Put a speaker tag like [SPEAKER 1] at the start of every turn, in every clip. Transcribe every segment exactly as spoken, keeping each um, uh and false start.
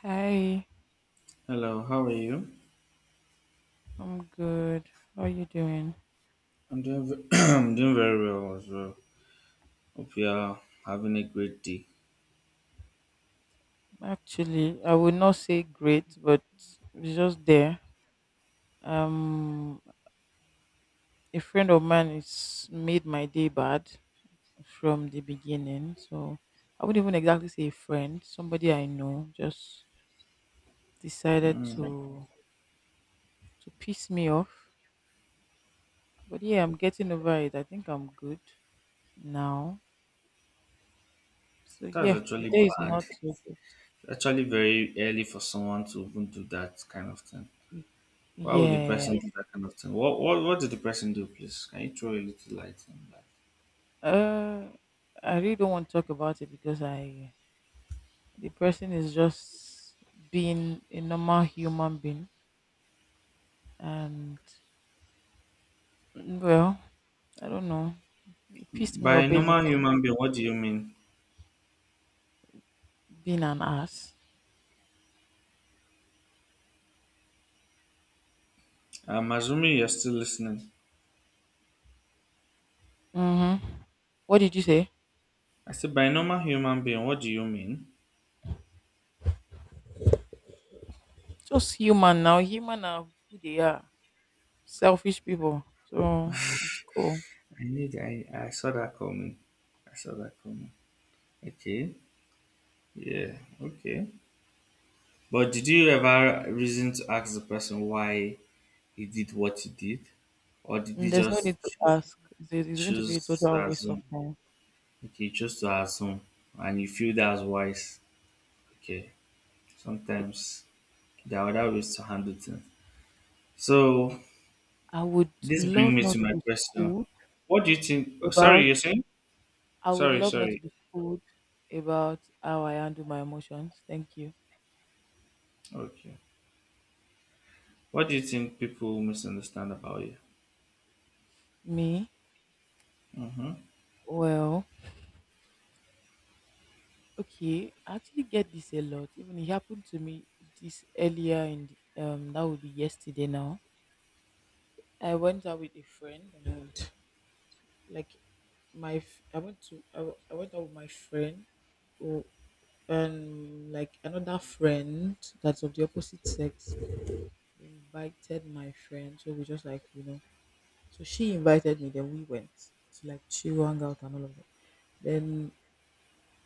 [SPEAKER 1] Hi,
[SPEAKER 2] Hello, how are you?
[SPEAKER 1] I'm good. How are you doing?
[SPEAKER 2] I'm doing ve- I'm doing very well as well. Hope you are having a great day.
[SPEAKER 1] Actually, I would not say great, but it's just there. Um, a friend of mine is made my day bad from the beginning, so I wouldn't even exactly say a friend. Somebody I know just decided to to piss me off. But yeah, I'm getting over it. I think I'm good now. So
[SPEAKER 2] That's
[SPEAKER 1] yeah, the
[SPEAKER 2] actually
[SPEAKER 1] day is
[SPEAKER 2] bad.
[SPEAKER 1] not so good.
[SPEAKER 2] Actually, very early for someone to even do that kind of thing. Why would the
[SPEAKER 1] Yeah.
[SPEAKER 2] person do that kind of thing? What what what did the person do, please? Can you throw a little light on that?
[SPEAKER 1] Uh, I really don't want to talk about it because I the person is just being a normal human being, and mm, well, I don't know. It pissed me
[SPEAKER 2] By
[SPEAKER 1] off
[SPEAKER 2] normal
[SPEAKER 1] basically
[SPEAKER 2] human being, what do you mean?
[SPEAKER 1] being an ass.
[SPEAKER 2] I'm assuming you're still listening.
[SPEAKER 1] Mm-hmm. What did you say?
[SPEAKER 2] I said, by normal human being, what do you mean?
[SPEAKER 1] Just human now. Human are who they are. Selfish people. So it's cool.
[SPEAKER 2] I need. I I saw that coming. I saw that coming. Okay. Yeah. Okay. But did you ever reason to ask the person why he did what he did? Or did
[SPEAKER 1] Mm,
[SPEAKER 2] he
[SPEAKER 1] There's no
[SPEAKER 2] just
[SPEAKER 1] need to
[SPEAKER 2] choose,
[SPEAKER 1] ask. It's it's going to be a
[SPEAKER 2] choose
[SPEAKER 1] total
[SPEAKER 2] to
[SPEAKER 1] waste of
[SPEAKER 2] assume?
[SPEAKER 1] time.
[SPEAKER 2] Okay, choose to assume. And you feel that's wise. Okay, sometimes there are other ways to handle things. So,
[SPEAKER 1] I would
[SPEAKER 2] this brings
[SPEAKER 1] love
[SPEAKER 2] me to
[SPEAKER 1] not to
[SPEAKER 2] my
[SPEAKER 1] be
[SPEAKER 2] question.
[SPEAKER 1] schooled
[SPEAKER 2] What do you think? oh, Sorry,
[SPEAKER 1] about
[SPEAKER 2] you're saying?
[SPEAKER 1] I would
[SPEAKER 2] Sorry,
[SPEAKER 1] love not to
[SPEAKER 2] sorry.
[SPEAKER 1] be schooled about how I handle my emotions. Thank you.
[SPEAKER 2] Okay. What do you think people misunderstand about you?
[SPEAKER 1] Me?
[SPEAKER 2] Mm-hmm.
[SPEAKER 1] Well, okay. I actually get this a lot. Even it happened to me this earlier in the, um that would be yesterday now. I went out with a friend and like my f- I went to I, w- I went out with my friend who- and like another friend that's of the opposite sex invited my friend, so we just like, you know. So she invited me, then we went to like chill, hang out, and all of that. Then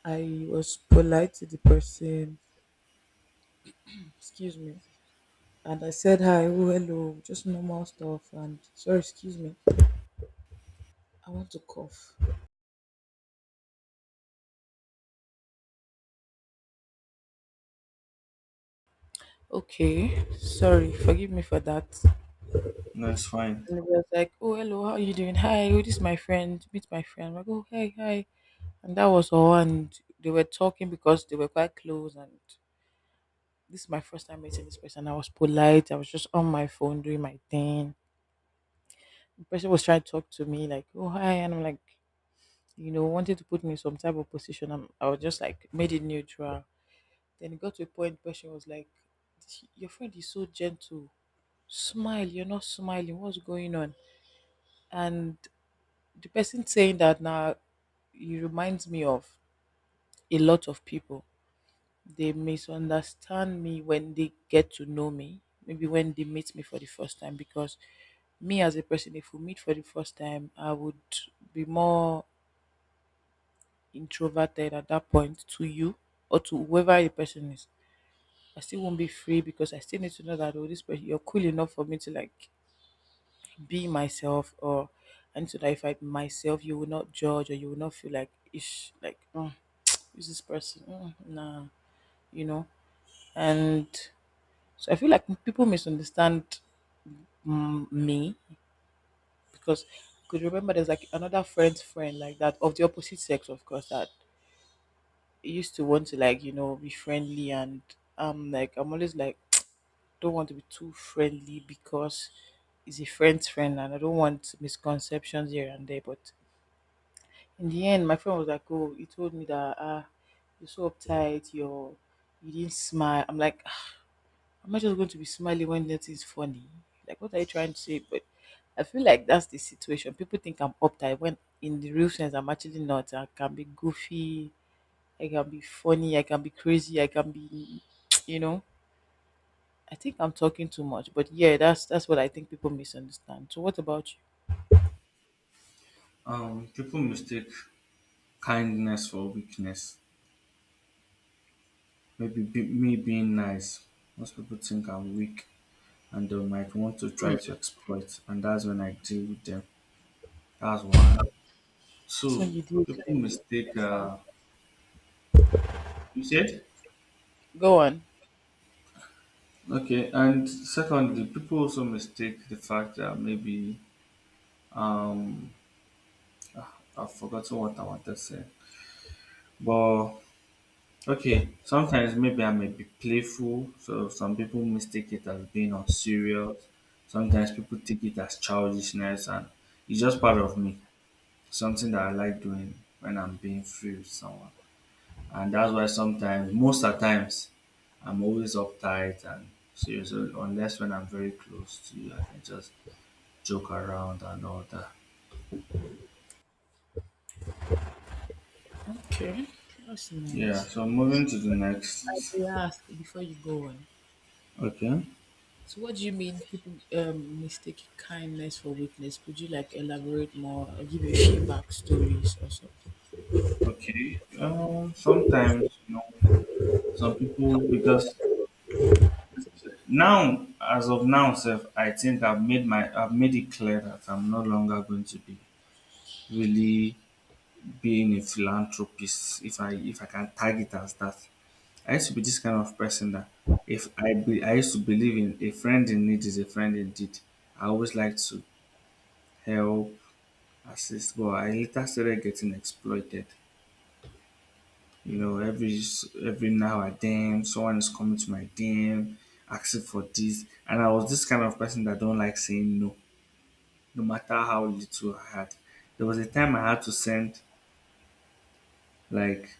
[SPEAKER 1] I was polite to the person, excuse me, and I said hi, oh, hello, just normal stuff, and sorry, excuse me, I want to cough. Okay, sorry, forgive me for that.
[SPEAKER 2] No, it's fine.
[SPEAKER 1] And it was like, oh, hello, how are you doing? Hi, oh, this is my friend, meet my friend. I'm like, oh, hi, hi. And that was all, and they were talking because they were quite close, and this is my first time meeting this person. I was polite, I was just on my phone doing my thing. The person was trying to talk to me like, oh, hi, and I'm like, you know, wanted to put me in some type of position. I i was just like made it neutral. Then it got to a point where she was like, "This- your friend is so gentle, smile, you're not smiling, what's going on?" And the person saying that now, it reminds me of a lot of people. They misunderstand me when they get to know me, maybe when they meet me for the first time, because me as a person, if we meet for the first time, I would be more introverted at that point to you, or to whoever the person is. I still won't be free because I still need to know that, oh, this person, you're cool enough for me to like be myself, or I need to identify myself. You will not judge or you will not feel like ish like, oh, is this person, mm, nah, you know, and so I feel like people misunderstand mm, me, because I could remember there's like another friend's friend like that of the opposite sex, of course, that used to want to like, you know, be friendly, and um like I'm always like don't want to be too friendly because he's a friend's friend and I don't want misconceptions here and there. But in the end my friend was like, oh, he told me that, ah, you're so uptight, you're you didn't smile. I'm like, "Ah, am I just going to be smiling when nothing's funny? Like what are you trying to say?" But I feel like that's the situation, people think I'm uptight when in the real sense I'm actually not. I can be goofy, I can be funny, I can be crazy, I can be, you know. I think I'm talking too much, but yeah, that's that's what I think people misunderstand. So, what about you?
[SPEAKER 2] Um, people mistake kindness for weakness. Maybe be, me being nice. Most people think I'm weak and they might want to try to exploit, and that's when I deal with them. That's one. Two,
[SPEAKER 1] That's you deal with
[SPEAKER 2] people
[SPEAKER 1] them.
[SPEAKER 2] mistake,
[SPEAKER 1] That sound-
[SPEAKER 2] uh, you said?
[SPEAKER 1] Go on.
[SPEAKER 2] Okay, and secondly, people also mistake the fact that maybe um I've forgotten what I wanted to say. But okay, sometimes maybe I may be playful, so some people mistake it as being unserious. Sometimes people take it as childishness, and it's just part of me. Something that I like doing when I'm being free with someone. And that's why sometimes, most of the times, I'm always uptight and serious, uh, unless when I'm very close to you, I can just joke around and all that.
[SPEAKER 1] Okay, that's
[SPEAKER 2] Yeah,
[SPEAKER 1] nice.
[SPEAKER 2] so moving to the
[SPEAKER 1] I
[SPEAKER 2] next.
[SPEAKER 1] may ask before you go on.
[SPEAKER 2] Okay.
[SPEAKER 1] So, what do you mean people um, mistake kindness for weakness? Could you like elaborate more, or give a few backstories or something?
[SPEAKER 2] Okay. Um, sometimes, you know, some people, because now, as of now, self, I think I've made my, I've made it clear that I'm no longer going to be really being a philanthropist if I if I can tag it as that. I used to be this kind of person that if I be, I used to believe in a friend in need is a friend indeed. I always liked to help, assist, but I later started getting exploited. You know, every s- every now and then someone is coming to my D M asking for this, and I was this kind of person that don't like saying no, no matter how little I had. There was a time I had to send like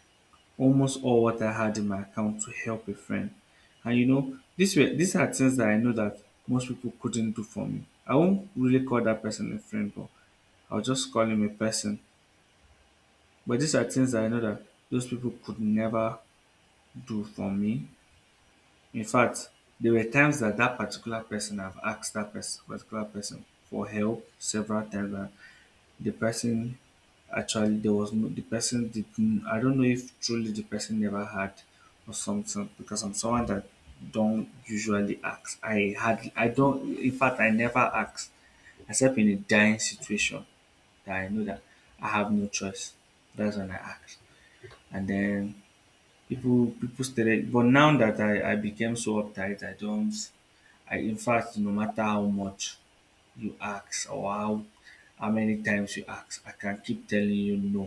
[SPEAKER 2] almost all what I had in my account to help a friend. And you know, these were these are things that I know that most people couldn't do for me. I won't really call that person a friend, but I'll just call him a person. But these are things that I know that those people could never do for me. In fact, there were times that that particular person, I've asked that person, particular person for help several times. And the person, actually there was no, the person didn't, I don't know if truly the person never had or something, because I'm someone that don't usually ask. I had I don't, in fact I never ask except in a dying situation that I know that I have no choice. That's when I ask. And then people people stated, but now that I, I became so uptight, I don't, I in fact no matter how much you ask or how how many times you ask, I can keep telling you no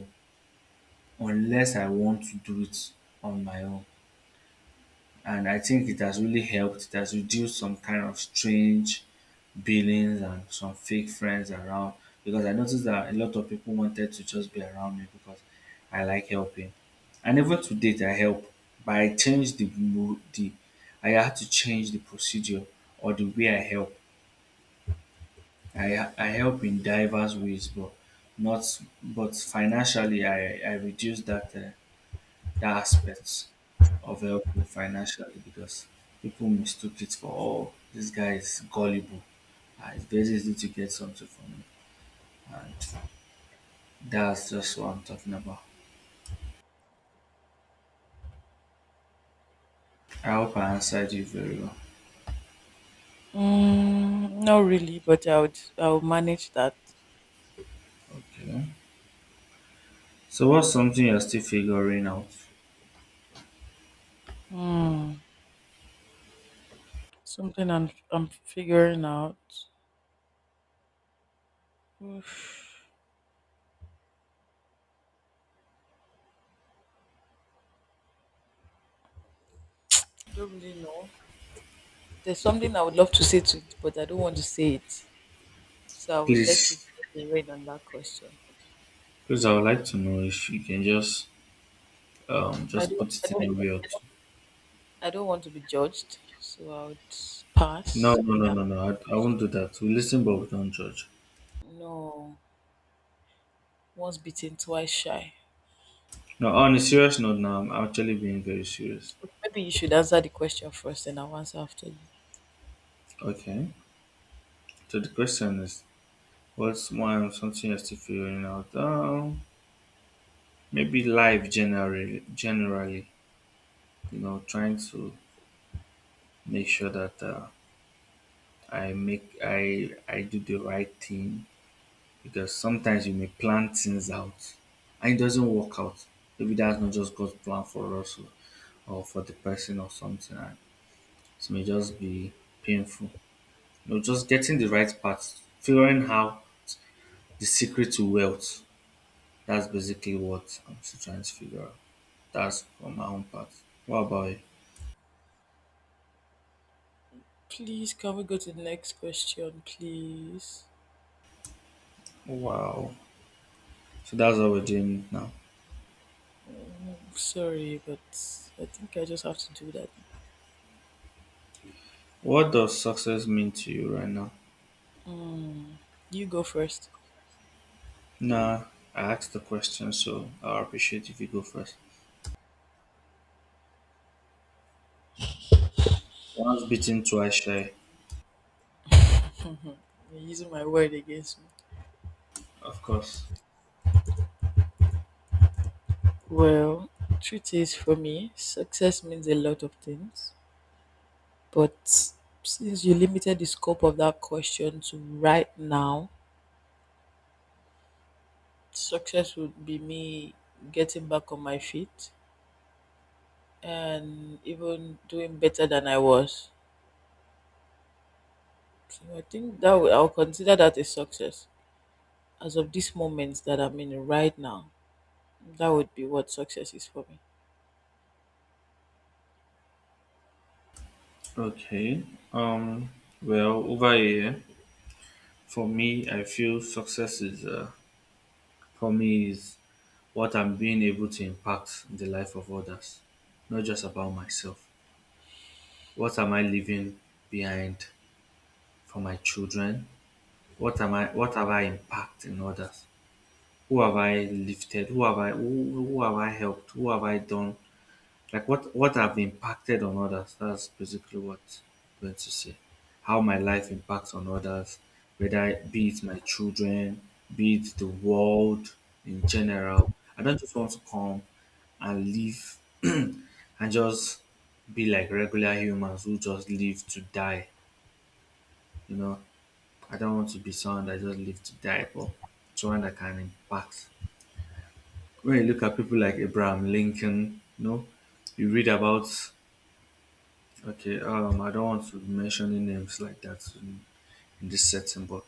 [SPEAKER 2] unless I want to do it on my own, and I think it has really helped. It has reduced some kind of strange billings and some fake friends around because I noticed that a lot of people wanted to just be around me because I like helping. And even to date, I help, but I changed the mo- the I had to change the procedure or the way I help. I I help in diverse ways, but not, but financially I I reduced that. Uh, that aspect of helping financially, because people mistook it for, oh, this guy is gullible, uh, it's very easy to get something from him, and that's just what I'm talking about. I hope I answered you very well.
[SPEAKER 1] Mm, not really, but I would I would manage that.
[SPEAKER 2] Okay, so what's something you're still figuring out?
[SPEAKER 1] Mm, something I'm I'm figuring out. Oof, I don't really know. There's something I would love to say to it, but I don't want to say it. So I would let you
[SPEAKER 2] Please,
[SPEAKER 1] read on that question.
[SPEAKER 2] please, I would like to know if you can just um
[SPEAKER 1] I
[SPEAKER 2] just put
[SPEAKER 1] don't I
[SPEAKER 2] it
[SPEAKER 1] don't
[SPEAKER 2] in a way or two.
[SPEAKER 1] I don't want to be judged, so I would
[SPEAKER 2] No,
[SPEAKER 1] pass
[SPEAKER 2] no,
[SPEAKER 1] on
[SPEAKER 2] no,
[SPEAKER 1] that.
[SPEAKER 2] no, no, i, I won't do that, we listen but we don't judge.
[SPEAKER 1] No. Once bitten, twice shy.
[SPEAKER 2] No, on a serious note now, I'm actually being very serious.
[SPEAKER 1] Okay, maybe you should answer the question first and I'll answer after you.
[SPEAKER 2] Okay. So the question is, what's one of something you're still figuring out? Um, maybe life generally, generally, you know, trying to make sure that uh, I make I I do the right thing because sometimes you may plan things out and it doesn't work out. Maybe that's not just God's plan for us or or for the person or something, and it may just be painful. You know, just getting the right path, figuring out the secret to wealth. That's basically what I'm still trying to figure out. That's on my own part. What about you?
[SPEAKER 1] Please, can we go to the next question, please?
[SPEAKER 2] Wow. So that's what we're doing now.
[SPEAKER 1] I'm sorry, but I think I just have to do that.
[SPEAKER 2] What does success mean to you right now?
[SPEAKER 1] You go first.
[SPEAKER 2] Nah, I asked the question, so I appreciate if you go first. Once beaten, twice shy.
[SPEAKER 1] You're using my word against me.
[SPEAKER 2] Of course.
[SPEAKER 1] Well, truth is, for me, success means a lot of things. But since you limited the scope of that question to right now, success would be me getting back on my feet and even doing better than I was. So I think that would, I'll consider that a success. As of this moment that I'm in right now, that would be what success is for me.
[SPEAKER 2] Okay. Um. Well, over here, for me, I feel success is, uh, for me is what I'm being able to impact in the life of others, not just about myself. What am I leaving behind for my children? What am I what have I impacted in others? Who have I lifted? Who have I who, who have I helped? Who have I done? Like what what have impacted on others? That's basically what I'm going to say. How my life impacts on others, whether it- be it my children, be it the world in general. I don't just want to come and live and just be like regular humans who just live to die. You know, I don't want to be someone that just live to die, but someone that can impact. When you look at people like Abraham Lincoln, you know, you read about, okay, um, I don't want to be mentioning names like that in, in this setting, but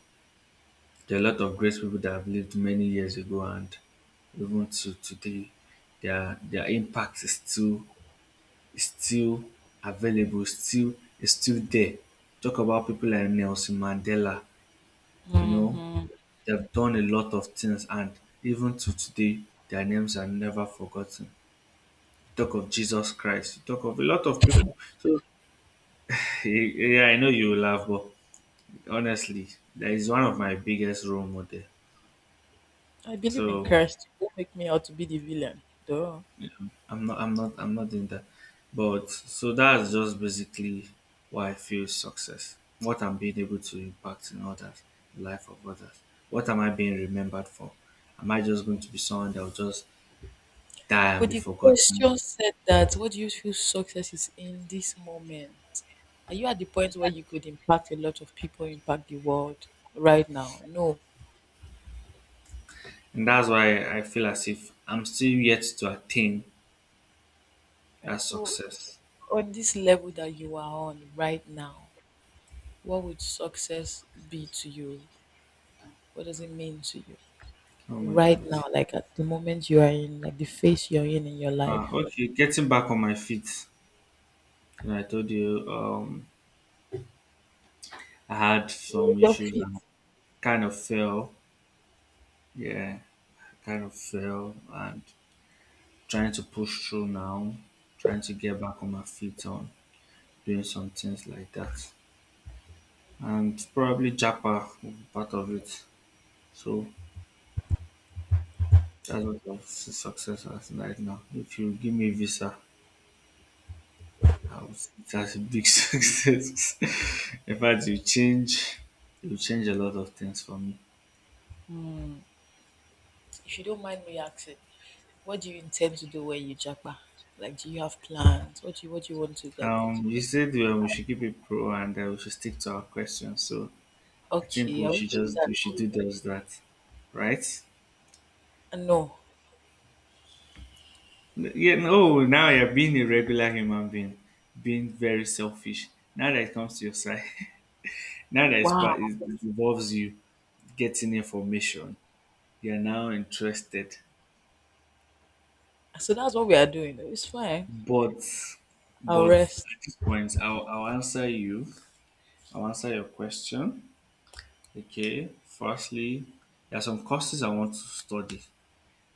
[SPEAKER 2] there are a lot of great people that have lived many years ago and even to today, their their impact is still, is still available, still is still there. Talk about people like Nelson Mandela, you know,
[SPEAKER 1] Hmm.
[SPEAKER 2] they've done a lot of things and even to today their names are never forgotten. You talk of Jesus Christ, you talk of a lot of people. So yeah, I know you will laugh, but honestly, that is one of my biggest role model.
[SPEAKER 1] I believe in
[SPEAKER 2] So
[SPEAKER 1] Christ. Don't make me out to be the villain. Duh.
[SPEAKER 2] I'm not I'm not I'm not in that. But so that's just basically why I feel success. What I'm being able to impact in others, the life of others. What am I being remembered for? Am I just going to be someone that will just die and
[SPEAKER 1] But
[SPEAKER 2] be
[SPEAKER 1] the
[SPEAKER 2] forgotten?
[SPEAKER 1] question said that what do you feel success is in this moment? Are you at the point where you could impact a lot of people, impact the world right now? No.
[SPEAKER 2] And that's why I feel as if I'm still yet to attain that
[SPEAKER 1] And so,
[SPEAKER 2] success.
[SPEAKER 1] on this level that you are on right now, what would success be to you? What does it mean to you
[SPEAKER 2] Oh my
[SPEAKER 1] right
[SPEAKER 2] God.
[SPEAKER 1] now? Like at the moment you are in, like the phase you're in in your
[SPEAKER 2] Uh,
[SPEAKER 1] life,
[SPEAKER 2] okay, getting back on my feet. And I told you um, I had some
[SPEAKER 1] your
[SPEAKER 2] issues
[SPEAKER 1] feet.
[SPEAKER 2] and kind of fell. Yeah, I kind of fell and trying to push through now, trying to get back on my feet on doing some things like that. And probably Japa will be part of it. So that's what I see success as right now. If you give me visa, wow, that's a big success. In fact, you change, you change a lot of things for me.
[SPEAKER 1] Hmm. If you don't mind me asking, what do you intend to do when you japa? Like, do you have plans? What do you, what do you want to like?
[SPEAKER 2] Um, you said well, we should keep it pro and uh, we should stick to our questions. So I think
[SPEAKER 1] Okay, are
[SPEAKER 2] we
[SPEAKER 1] we
[SPEAKER 2] should
[SPEAKER 1] doing
[SPEAKER 2] just
[SPEAKER 1] that?
[SPEAKER 2] we should do just that, right?
[SPEAKER 1] Uh, No.
[SPEAKER 2] N- Yeah. No. Now you're being a regular human being, being very selfish. Now that it comes to your side, now that it's part,
[SPEAKER 1] Wow.
[SPEAKER 2] it it involves you getting information, you're now interested.
[SPEAKER 1] So that's what we are doing. It's fine.
[SPEAKER 2] But
[SPEAKER 1] I'll
[SPEAKER 2] but
[SPEAKER 1] rest.
[SPEAKER 2] at this point, I'll, I'll answer you. I'll answer your question. Okay. Firstly, there are some courses I want to study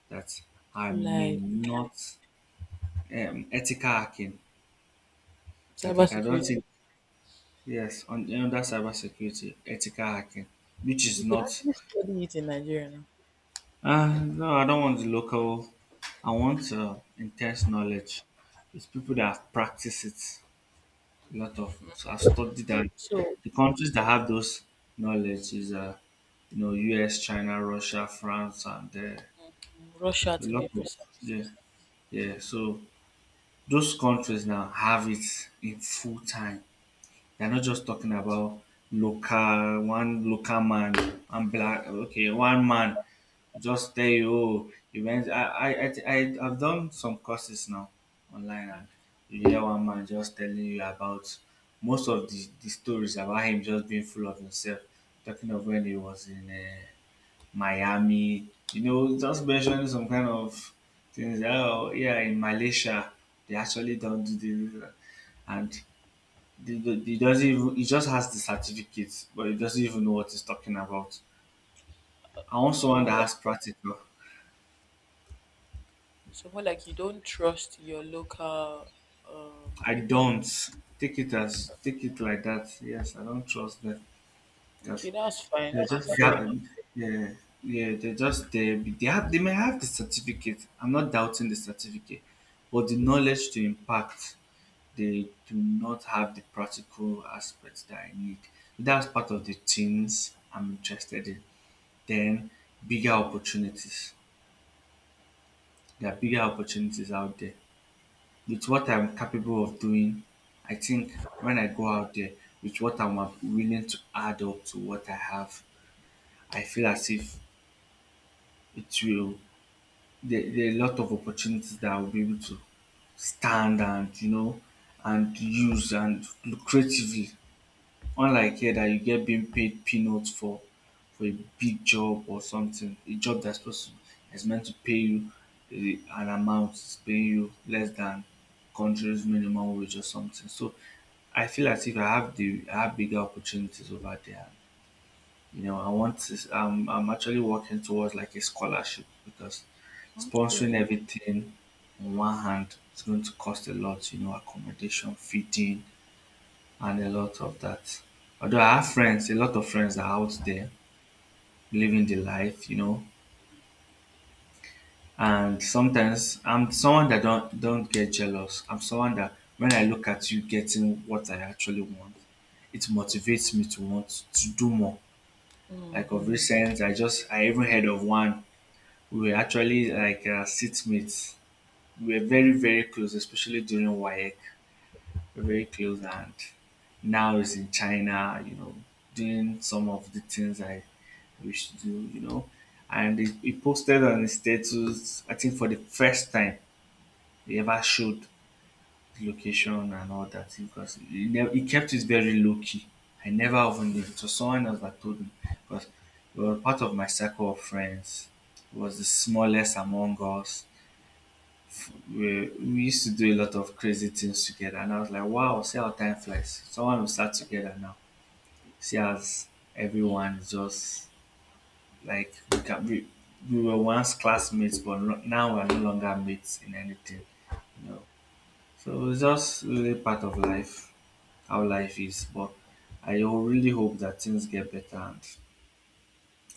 [SPEAKER 2] that I may
[SPEAKER 1] Like
[SPEAKER 2] not, um, ethical hacking that I cannot
[SPEAKER 1] cybersecurity,
[SPEAKER 2] think. Yes, on under cybersecurity, ethical hacking, which is
[SPEAKER 1] you could
[SPEAKER 2] not.
[SPEAKER 1] actually study it in Nigeria now.
[SPEAKER 2] Uh, no, I don't want the local. I want uh, intense knowledge. It's people that have practiced it a lot of, so I've studied that
[SPEAKER 1] So
[SPEAKER 2] the countries that have those knowledge is uh you know U S, China, Russia, France, and uh,
[SPEAKER 1] mm, Russia,
[SPEAKER 2] a
[SPEAKER 1] to
[SPEAKER 2] lot
[SPEAKER 1] be
[SPEAKER 2] of,
[SPEAKER 1] precise.
[SPEAKER 2] yeah, yeah. So those countries now have it in full time. They're not just talking about local one local man and black, okay, one man just tell you, oh, you went. I I I thi- I have done some courses now online, and you hear one man just telling you about most of the the stories about him just being full of himself, talking of when he was in uh, Miami, you know, just mentioning some kind of things. Oh yeah, in Malaysia they actually don't do this. And the, the, he doesn't even he just has the certificate, but he doesn't even know what he's talking about. I want someone that has practical.
[SPEAKER 1] So more like you don't trust your local, um, the
[SPEAKER 2] I
[SPEAKER 1] people in.
[SPEAKER 2] don't take it as take it like that. Yes, I don't trust them because
[SPEAKER 1] Okay, that's fine.
[SPEAKER 2] they're
[SPEAKER 1] I'm
[SPEAKER 2] just that.
[SPEAKER 1] fair.
[SPEAKER 2] Yeah, yeah, they're just they they have they may have the certificate. I'm not doubting the certificate, but the knowledge to impact, they do not have the practical aspects that I need. That's part of the things I'm interested in. Then bigger opportunities. There are bigger opportunities out there. With what I'm capable of doing, I think when I go out there with what I'm willing to add up to what I have, I feel as if it will there, there are a lot of opportunities that I'll be able to stand, and you know and use, and lucratively. Unlike here, that you get being paid peanuts for for a big job or something, a job that's supposed to is meant to pay you a, an amount, it's paying you less than country's minimum wage or something. So I feel as if I have the I have bigger opportunities over there. You know, I want to, am I'm actually working towards like a scholarship because
[SPEAKER 1] Okay.
[SPEAKER 2] sponsoring everything on one hand is going to cost a lot, you know, accommodation, feeding, and a lot of that. Although I have friends, a lot of friends are out there living the life, you know. And sometimes I'm someone that don't don't get jealous. I'm someone that when I look at you getting what I actually want, it motivates me to want to do more. Like of
[SPEAKER 1] Hmm.
[SPEAKER 2] recent, I just I even heard of one. We were actually like uh, seatmates. We were very very close, especially during WAEC. A very close and now is in China, you know, doing some of the things I wish to do, you know. And he, he posted on his status, I think for the first time he ever showed the location and all that, because he, never, he kept it very low key. I never even knew. So someone else that told me because we were part of my circle of friends. He was the smallest among us. We we used to do a lot of crazy things together, and I was like, wow, see how time flies. Someone will start together now. See as everyone is just like we can we, we were once classmates, but no, now we're no longer mates in anything, you know. So it's just really part of life, how life is. But I ho- really hope that things get better and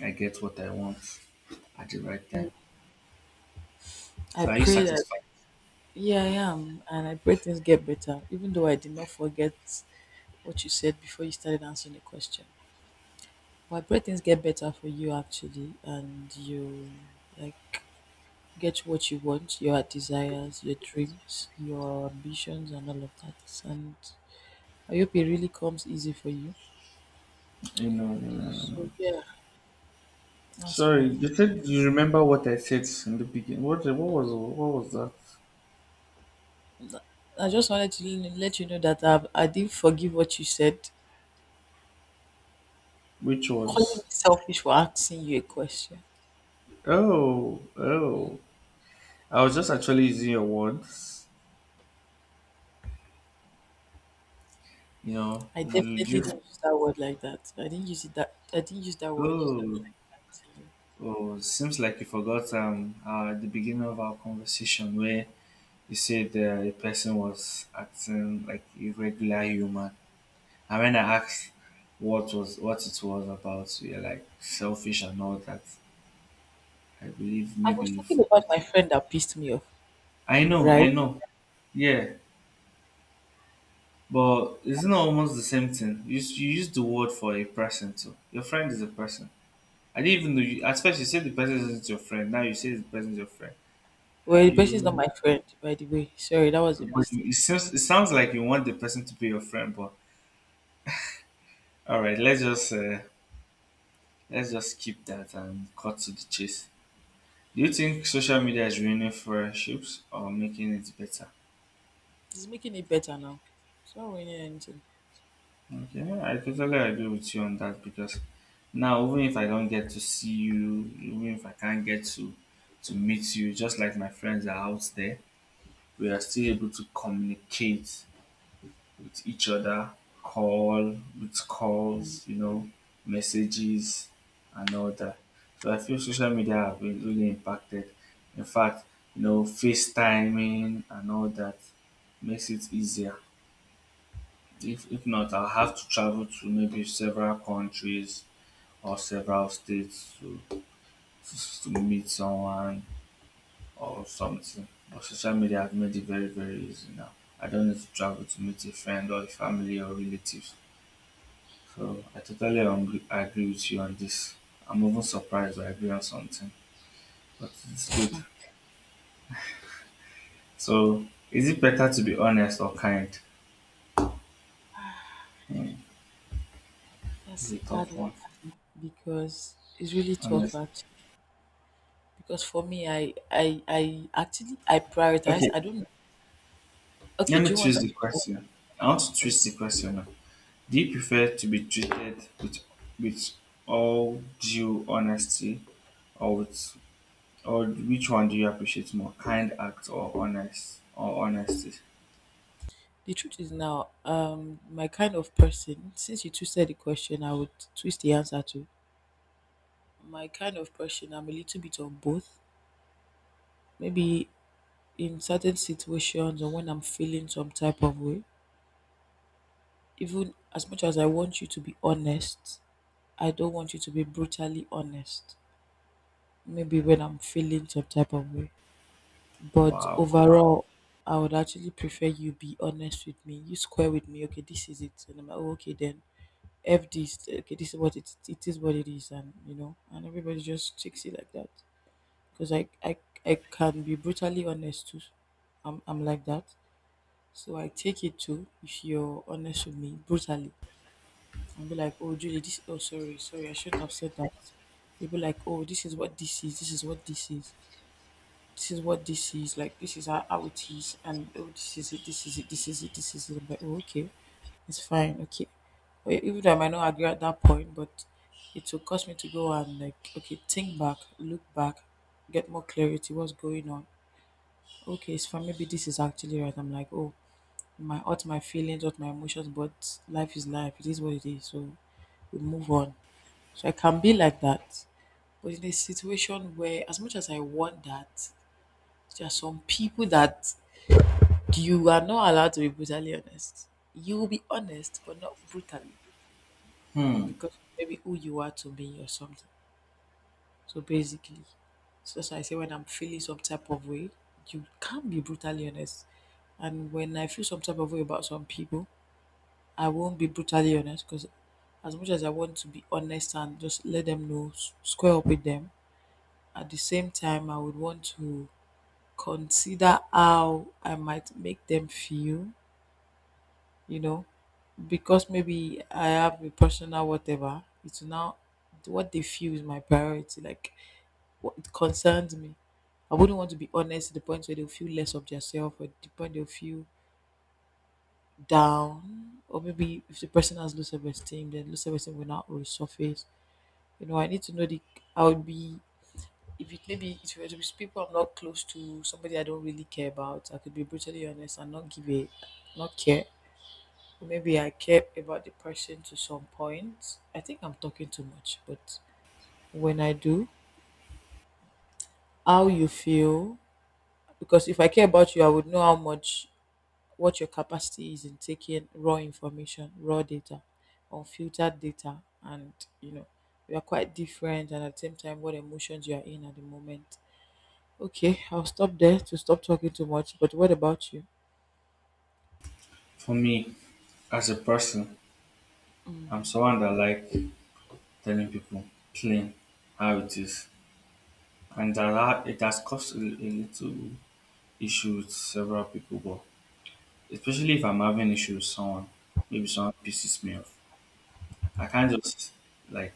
[SPEAKER 2] I get what I want at the right time.
[SPEAKER 1] I
[SPEAKER 2] So are you
[SPEAKER 1] pray that
[SPEAKER 2] satisfied?
[SPEAKER 1] yeah, I am. And I pray things get better, even though I did not forget what you said before you started answering the question. But I pray things get better for you actually, and you like get what you want, your desires, your dreams, your ambitions, and all of that. And I hope it really comes easy for you.
[SPEAKER 2] You know,
[SPEAKER 1] So yeah, that's
[SPEAKER 2] sorry,
[SPEAKER 1] fine.
[SPEAKER 2] you said you remember what I said in the beginning. What what was what was that?
[SPEAKER 1] I just wanted to l- let you know that I've, I didn't forgive what you said,
[SPEAKER 2] Which
[SPEAKER 1] calling me
[SPEAKER 2] was
[SPEAKER 1] selfish for asking you a question.
[SPEAKER 2] oh, oh. I was just actually using your words. You know,
[SPEAKER 1] I
[SPEAKER 2] you
[SPEAKER 1] definitely
[SPEAKER 2] just
[SPEAKER 1] didn't use that word like that. I didn't use it that I didn't use that word
[SPEAKER 2] oh.
[SPEAKER 1] like that, to you.
[SPEAKER 2] Oh, seems like you forgot um uh, at the beginning of our conversation where you said uh, a person was acting like a regular human. And when I asked what was what it was about, you're like selfish and all that. I believe
[SPEAKER 1] I
[SPEAKER 2] maybe
[SPEAKER 1] was
[SPEAKER 2] you
[SPEAKER 1] talking
[SPEAKER 2] forgot.
[SPEAKER 1] about my friend that pissed me off,
[SPEAKER 2] I know,
[SPEAKER 1] right?
[SPEAKER 2] I know. Yeah, but it's not almost the same thing? You, s- you use the word for a person too. Your friend is a person. I didn't even know you. At first, you said the person isn't your friend. Now you say the person is your friend. Are
[SPEAKER 1] Well, the person is not
[SPEAKER 2] you?
[SPEAKER 1] my friend, by the way. Sorry, that was a
[SPEAKER 2] But you,
[SPEAKER 1] mistake.
[SPEAKER 2] it seems it sounds like you want the person to be your friend. But all right, let's just uh, let's just keep that and cut to the chase. Do you think social media is ruining friendships or making it better?
[SPEAKER 1] It's making it better now. It's not ruining anything.
[SPEAKER 2] Okay, well, I totally agree with you on that because now even if I don't get to see you, even if I can't get to to meet you, just like my friends are out there, we are still able to communicate with each other, call with calls, you know, messages and all that. So I feel social media have been really impacted. In fact, you know, FaceTiming and all that makes it easier. if if not, I'll have to travel to maybe several countries or several states to to meet someone or something. But social media has made it very very easy now. I don't need to travel to meet a friend or a family or relatives. So I totally agree, agree with you on this. I'm even surprised I agree on something, but it's good. So is it better to be honest or kind? Hmm, it's
[SPEAKER 1] That's
[SPEAKER 2] a
[SPEAKER 1] the hard
[SPEAKER 2] tough one.
[SPEAKER 1] one for me because it's really tough
[SPEAKER 2] Honest.
[SPEAKER 1] actually. Because for me, I I I actually I prioritize.
[SPEAKER 2] Okay,
[SPEAKER 1] I don't know. Okay,
[SPEAKER 2] let me
[SPEAKER 1] do you want
[SPEAKER 2] twist
[SPEAKER 1] to?
[SPEAKER 2] the question. I want to
[SPEAKER 1] Okay.
[SPEAKER 2] twist the question now. Do you prefer to be treated with, with all due honesty or with or which one do you appreciate more? Kind act or honest or honesty?
[SPEAKER 1] The truth is now, um, my kind of person. Since you twisted the question, I would twist the answer too. My kind of person, I'm a little bit of both. Maybe in certain situations or when I'm feeling some type of way, even as much as I want you to be honest, I don't want you to be brutally honest. Maybe when I'm feeling some type of way. But
[SPEAKER 2] Wow.
[SPEAKER 1] overall, I would actually prefer you be honest with me. You square with me. Okay, this is it. And I'm like, "Oh, okay, then F this. Okay, this is what it, it is what it is." And, you know, and everybody just takes it like that. Because I, I I can be brutally honest too. I'm I'm like that. So I take it too if you're honest with me brutally. I'll be like, oh Julie, this oh sorry, sorry, I shouldn't have said that. You'll be like, oh this is what this is, this is what this is, this is what this is, like this is how, how it is, and oh this is it, this is it, this is it, this is it. I'm like, oh okay, it's fine, okay. Or even though I might not agree at that point, but it will cause me to go and like, okay, think back, look back, get more clarity, what's going on. Okay, it's fine. Maybe this is actually right. I'm like, oh, my might hurt my feelings, hurt my emotions, but life is life. It is what it is. So we move on. So I can be like that. But in a situation where, as much as I want that, there are some people that you are not allowed to be brutally honest. You will be honest, but not brutally,
[SPEAKER 2] Hmm.
[SPEAKER 1] because maybe who you are to me or something. So basically, so that's why I say when I'm feeling some type of way, you can't be brutally honest. And when I feel some type of way about some people, I won't be brutally honest because as much as I want to be honest and just let them know, s- square up with them, at the same time, I would want to consider how I might make them feel, you know, because maybe I have a personal whatever, it's now what they feel is my priority. Like what it concerns me. I wouldn't want to be honest to the point where they'll feel less of themselves or the point they'll feel down. Or maybe if the person has low self esteem, then low self esteem will not resurface. You know, I need to know the I would be if it maybe if it was people I'm not close to, somebody I don't really care about, I could be brutally honest and not give a not care. Or maybe I care about the person to some point. I think I'm talking too much, but when I do, how you feel because if I care about you, I would know how much what your capacity is in taking raw information, raw data, unfiltered data, and you know, we are quite different, and at the same time, what emotions you are in at the moment. Okay, I'll stop there to stop talking too much. But what about you?
[SPEAKER 2] For me, as a person, I'm someone that like telling people plain how it is. And that ha- it has caused a, a little issue with several people, but especially if I'm having issue with someone, maybe someone pisses me off. I can't just like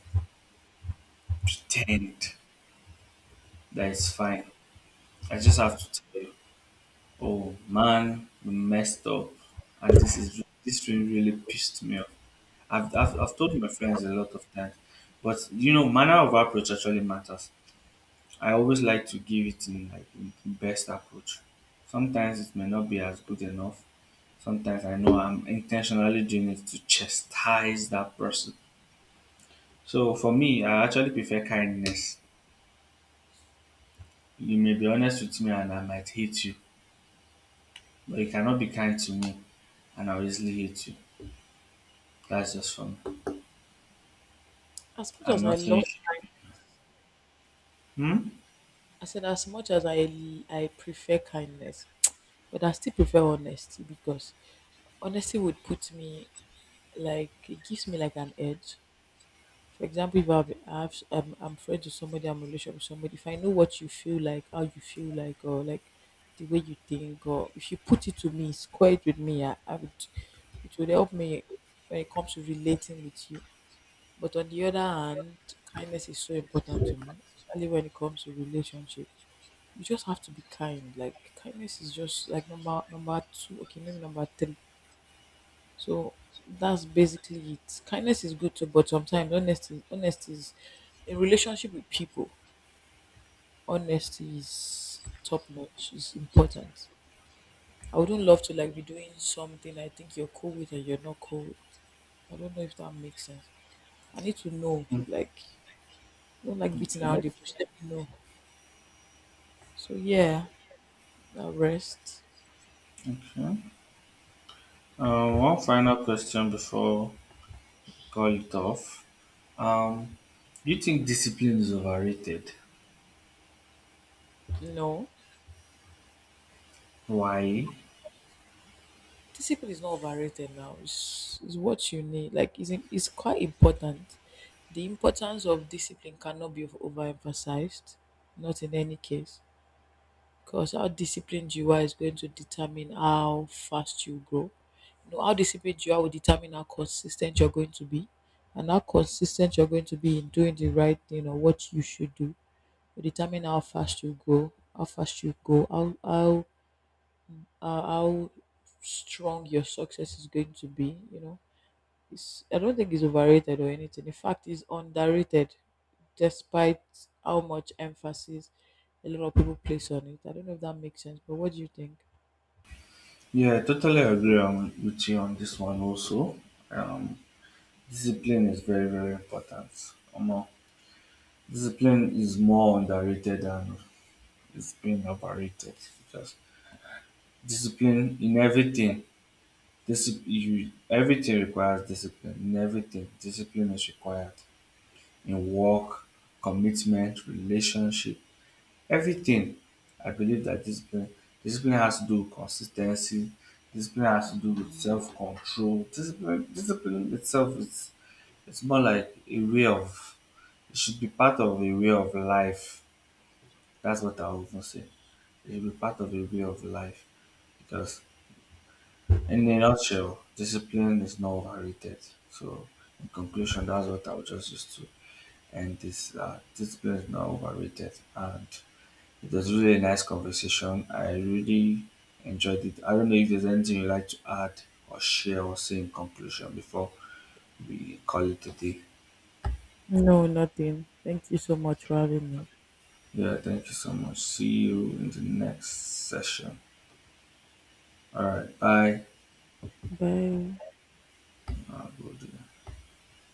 [SPEAKER 2] pretend. That's fine. I just have to tell you, oh man, we messed up, and this is this really really pissed me off. I've I've, I've told my friends a lot of times, but you know, manner of approach actually matters. I always like to give it in like in best approach. Sometimes it may not be as good enough. Sometimes I know I'm intentionally doing it to chastise that person. So for me, I actually prefer kindness. You may be honest with me and I might hate you, but you cannot be kind to me and I'll easily hit you. That's just fun.
[SPEAKER 1] As much
[SPEAKER 2] I'm
[SPEAKER 1] as I
[SPEAKER 2] not
[SPEAKER 1] love
[SPEAKER 2] finished.
[SPEAKER 1] kindness,
[SPEAKER 2] Hmm?
[SPEAKER 1] I said as much as I I prefer kindness, but I still prefer honesty because honesty would put me like it gives me like an edge. For example, if I've, I've I'm, I'm friends with somebody, I'm in a relationship with somebody. If I know what you feel like, how you feel like, or like the way you think, or if you put it to me, square it with me, I, I would. It would help me when it comes to relating with you. But on the other hand, kindness is so important to me, especially when it comes to relationship. You just have to be kind. Like kindness is just like number number two. Okay, maybe number three, so that's basically it. Kindness is good too, but sometimes honesty honesty is in relationship with people, honesty is top notch, is important. I wouldn't love to like be doing something I think you're cool with and you're not cool with. I don't know if that makes sense. I need to know, like I don't like beating around
[SPEAKER 2] Okay.
[SPEAKER 1] the bush, let me know. So yeah, now rest.
[SPEAKER 2] Okay. Uh, one final question before we call it off. Um, do you think discipline is overrated?
[SPEAKER 1] No.
[SPEAKER 2] Why?
[SPEAKER 1] Discipline is not overrated now. It's, it's what you need. Like it's, it's quite important. The importance of discipline cannot be overemphasized, not in any case. Because how disciplined you are is going to determine how fast you grow. You know, how disciplined you are will determine how consistent you're going to be. And how consistent you're going to be in doing the right thing or what you should do will determine how fast you grow, how fast you go, how how uh, how strong your success is going to be. You know, it's I don't think it's overrated or anything. In fact, it's underrated, despite how much emphasis a lot of people place on it. I don't know if that makes sense, but what do you think?
[SPEAKER 2] Yeah, I totally agree on, with you on this one also. Um, discipline is very, very important. Omo, discipline is more underrated than it's being overrated. Just discipline in everything. Discipline, you, everything requires discipline in everything. Discipline is required in work, commitment, relationship, everything. I believe that discipline, discipline has to do with consistency. Discipline has to do with
[SPEAKER 1] Mm.
[SPEAKER 2] self control. Discipline, discipline itself is it's more like a way of it should be part of a way of life. That's what I often say. It should be part of a way of life because in a nutshell, discipline is not overrated. So, in conclusion, that's what I would just use to end this. Uh, discipline is not overrated, and it was really a nice conversation. I really enjoyed it. I don't know if there's anything you'd like to add or share or say in conclusion before we call it a day.
[SPEAKER 1] No, nothing. Thank you so much for having me.
[SPEAKER 2] Yeah, thank you so much. See you in the next session. All right, bye.
[SPEAKER 1] Bye.
[SPEAKER 2] Uh, we'll do that.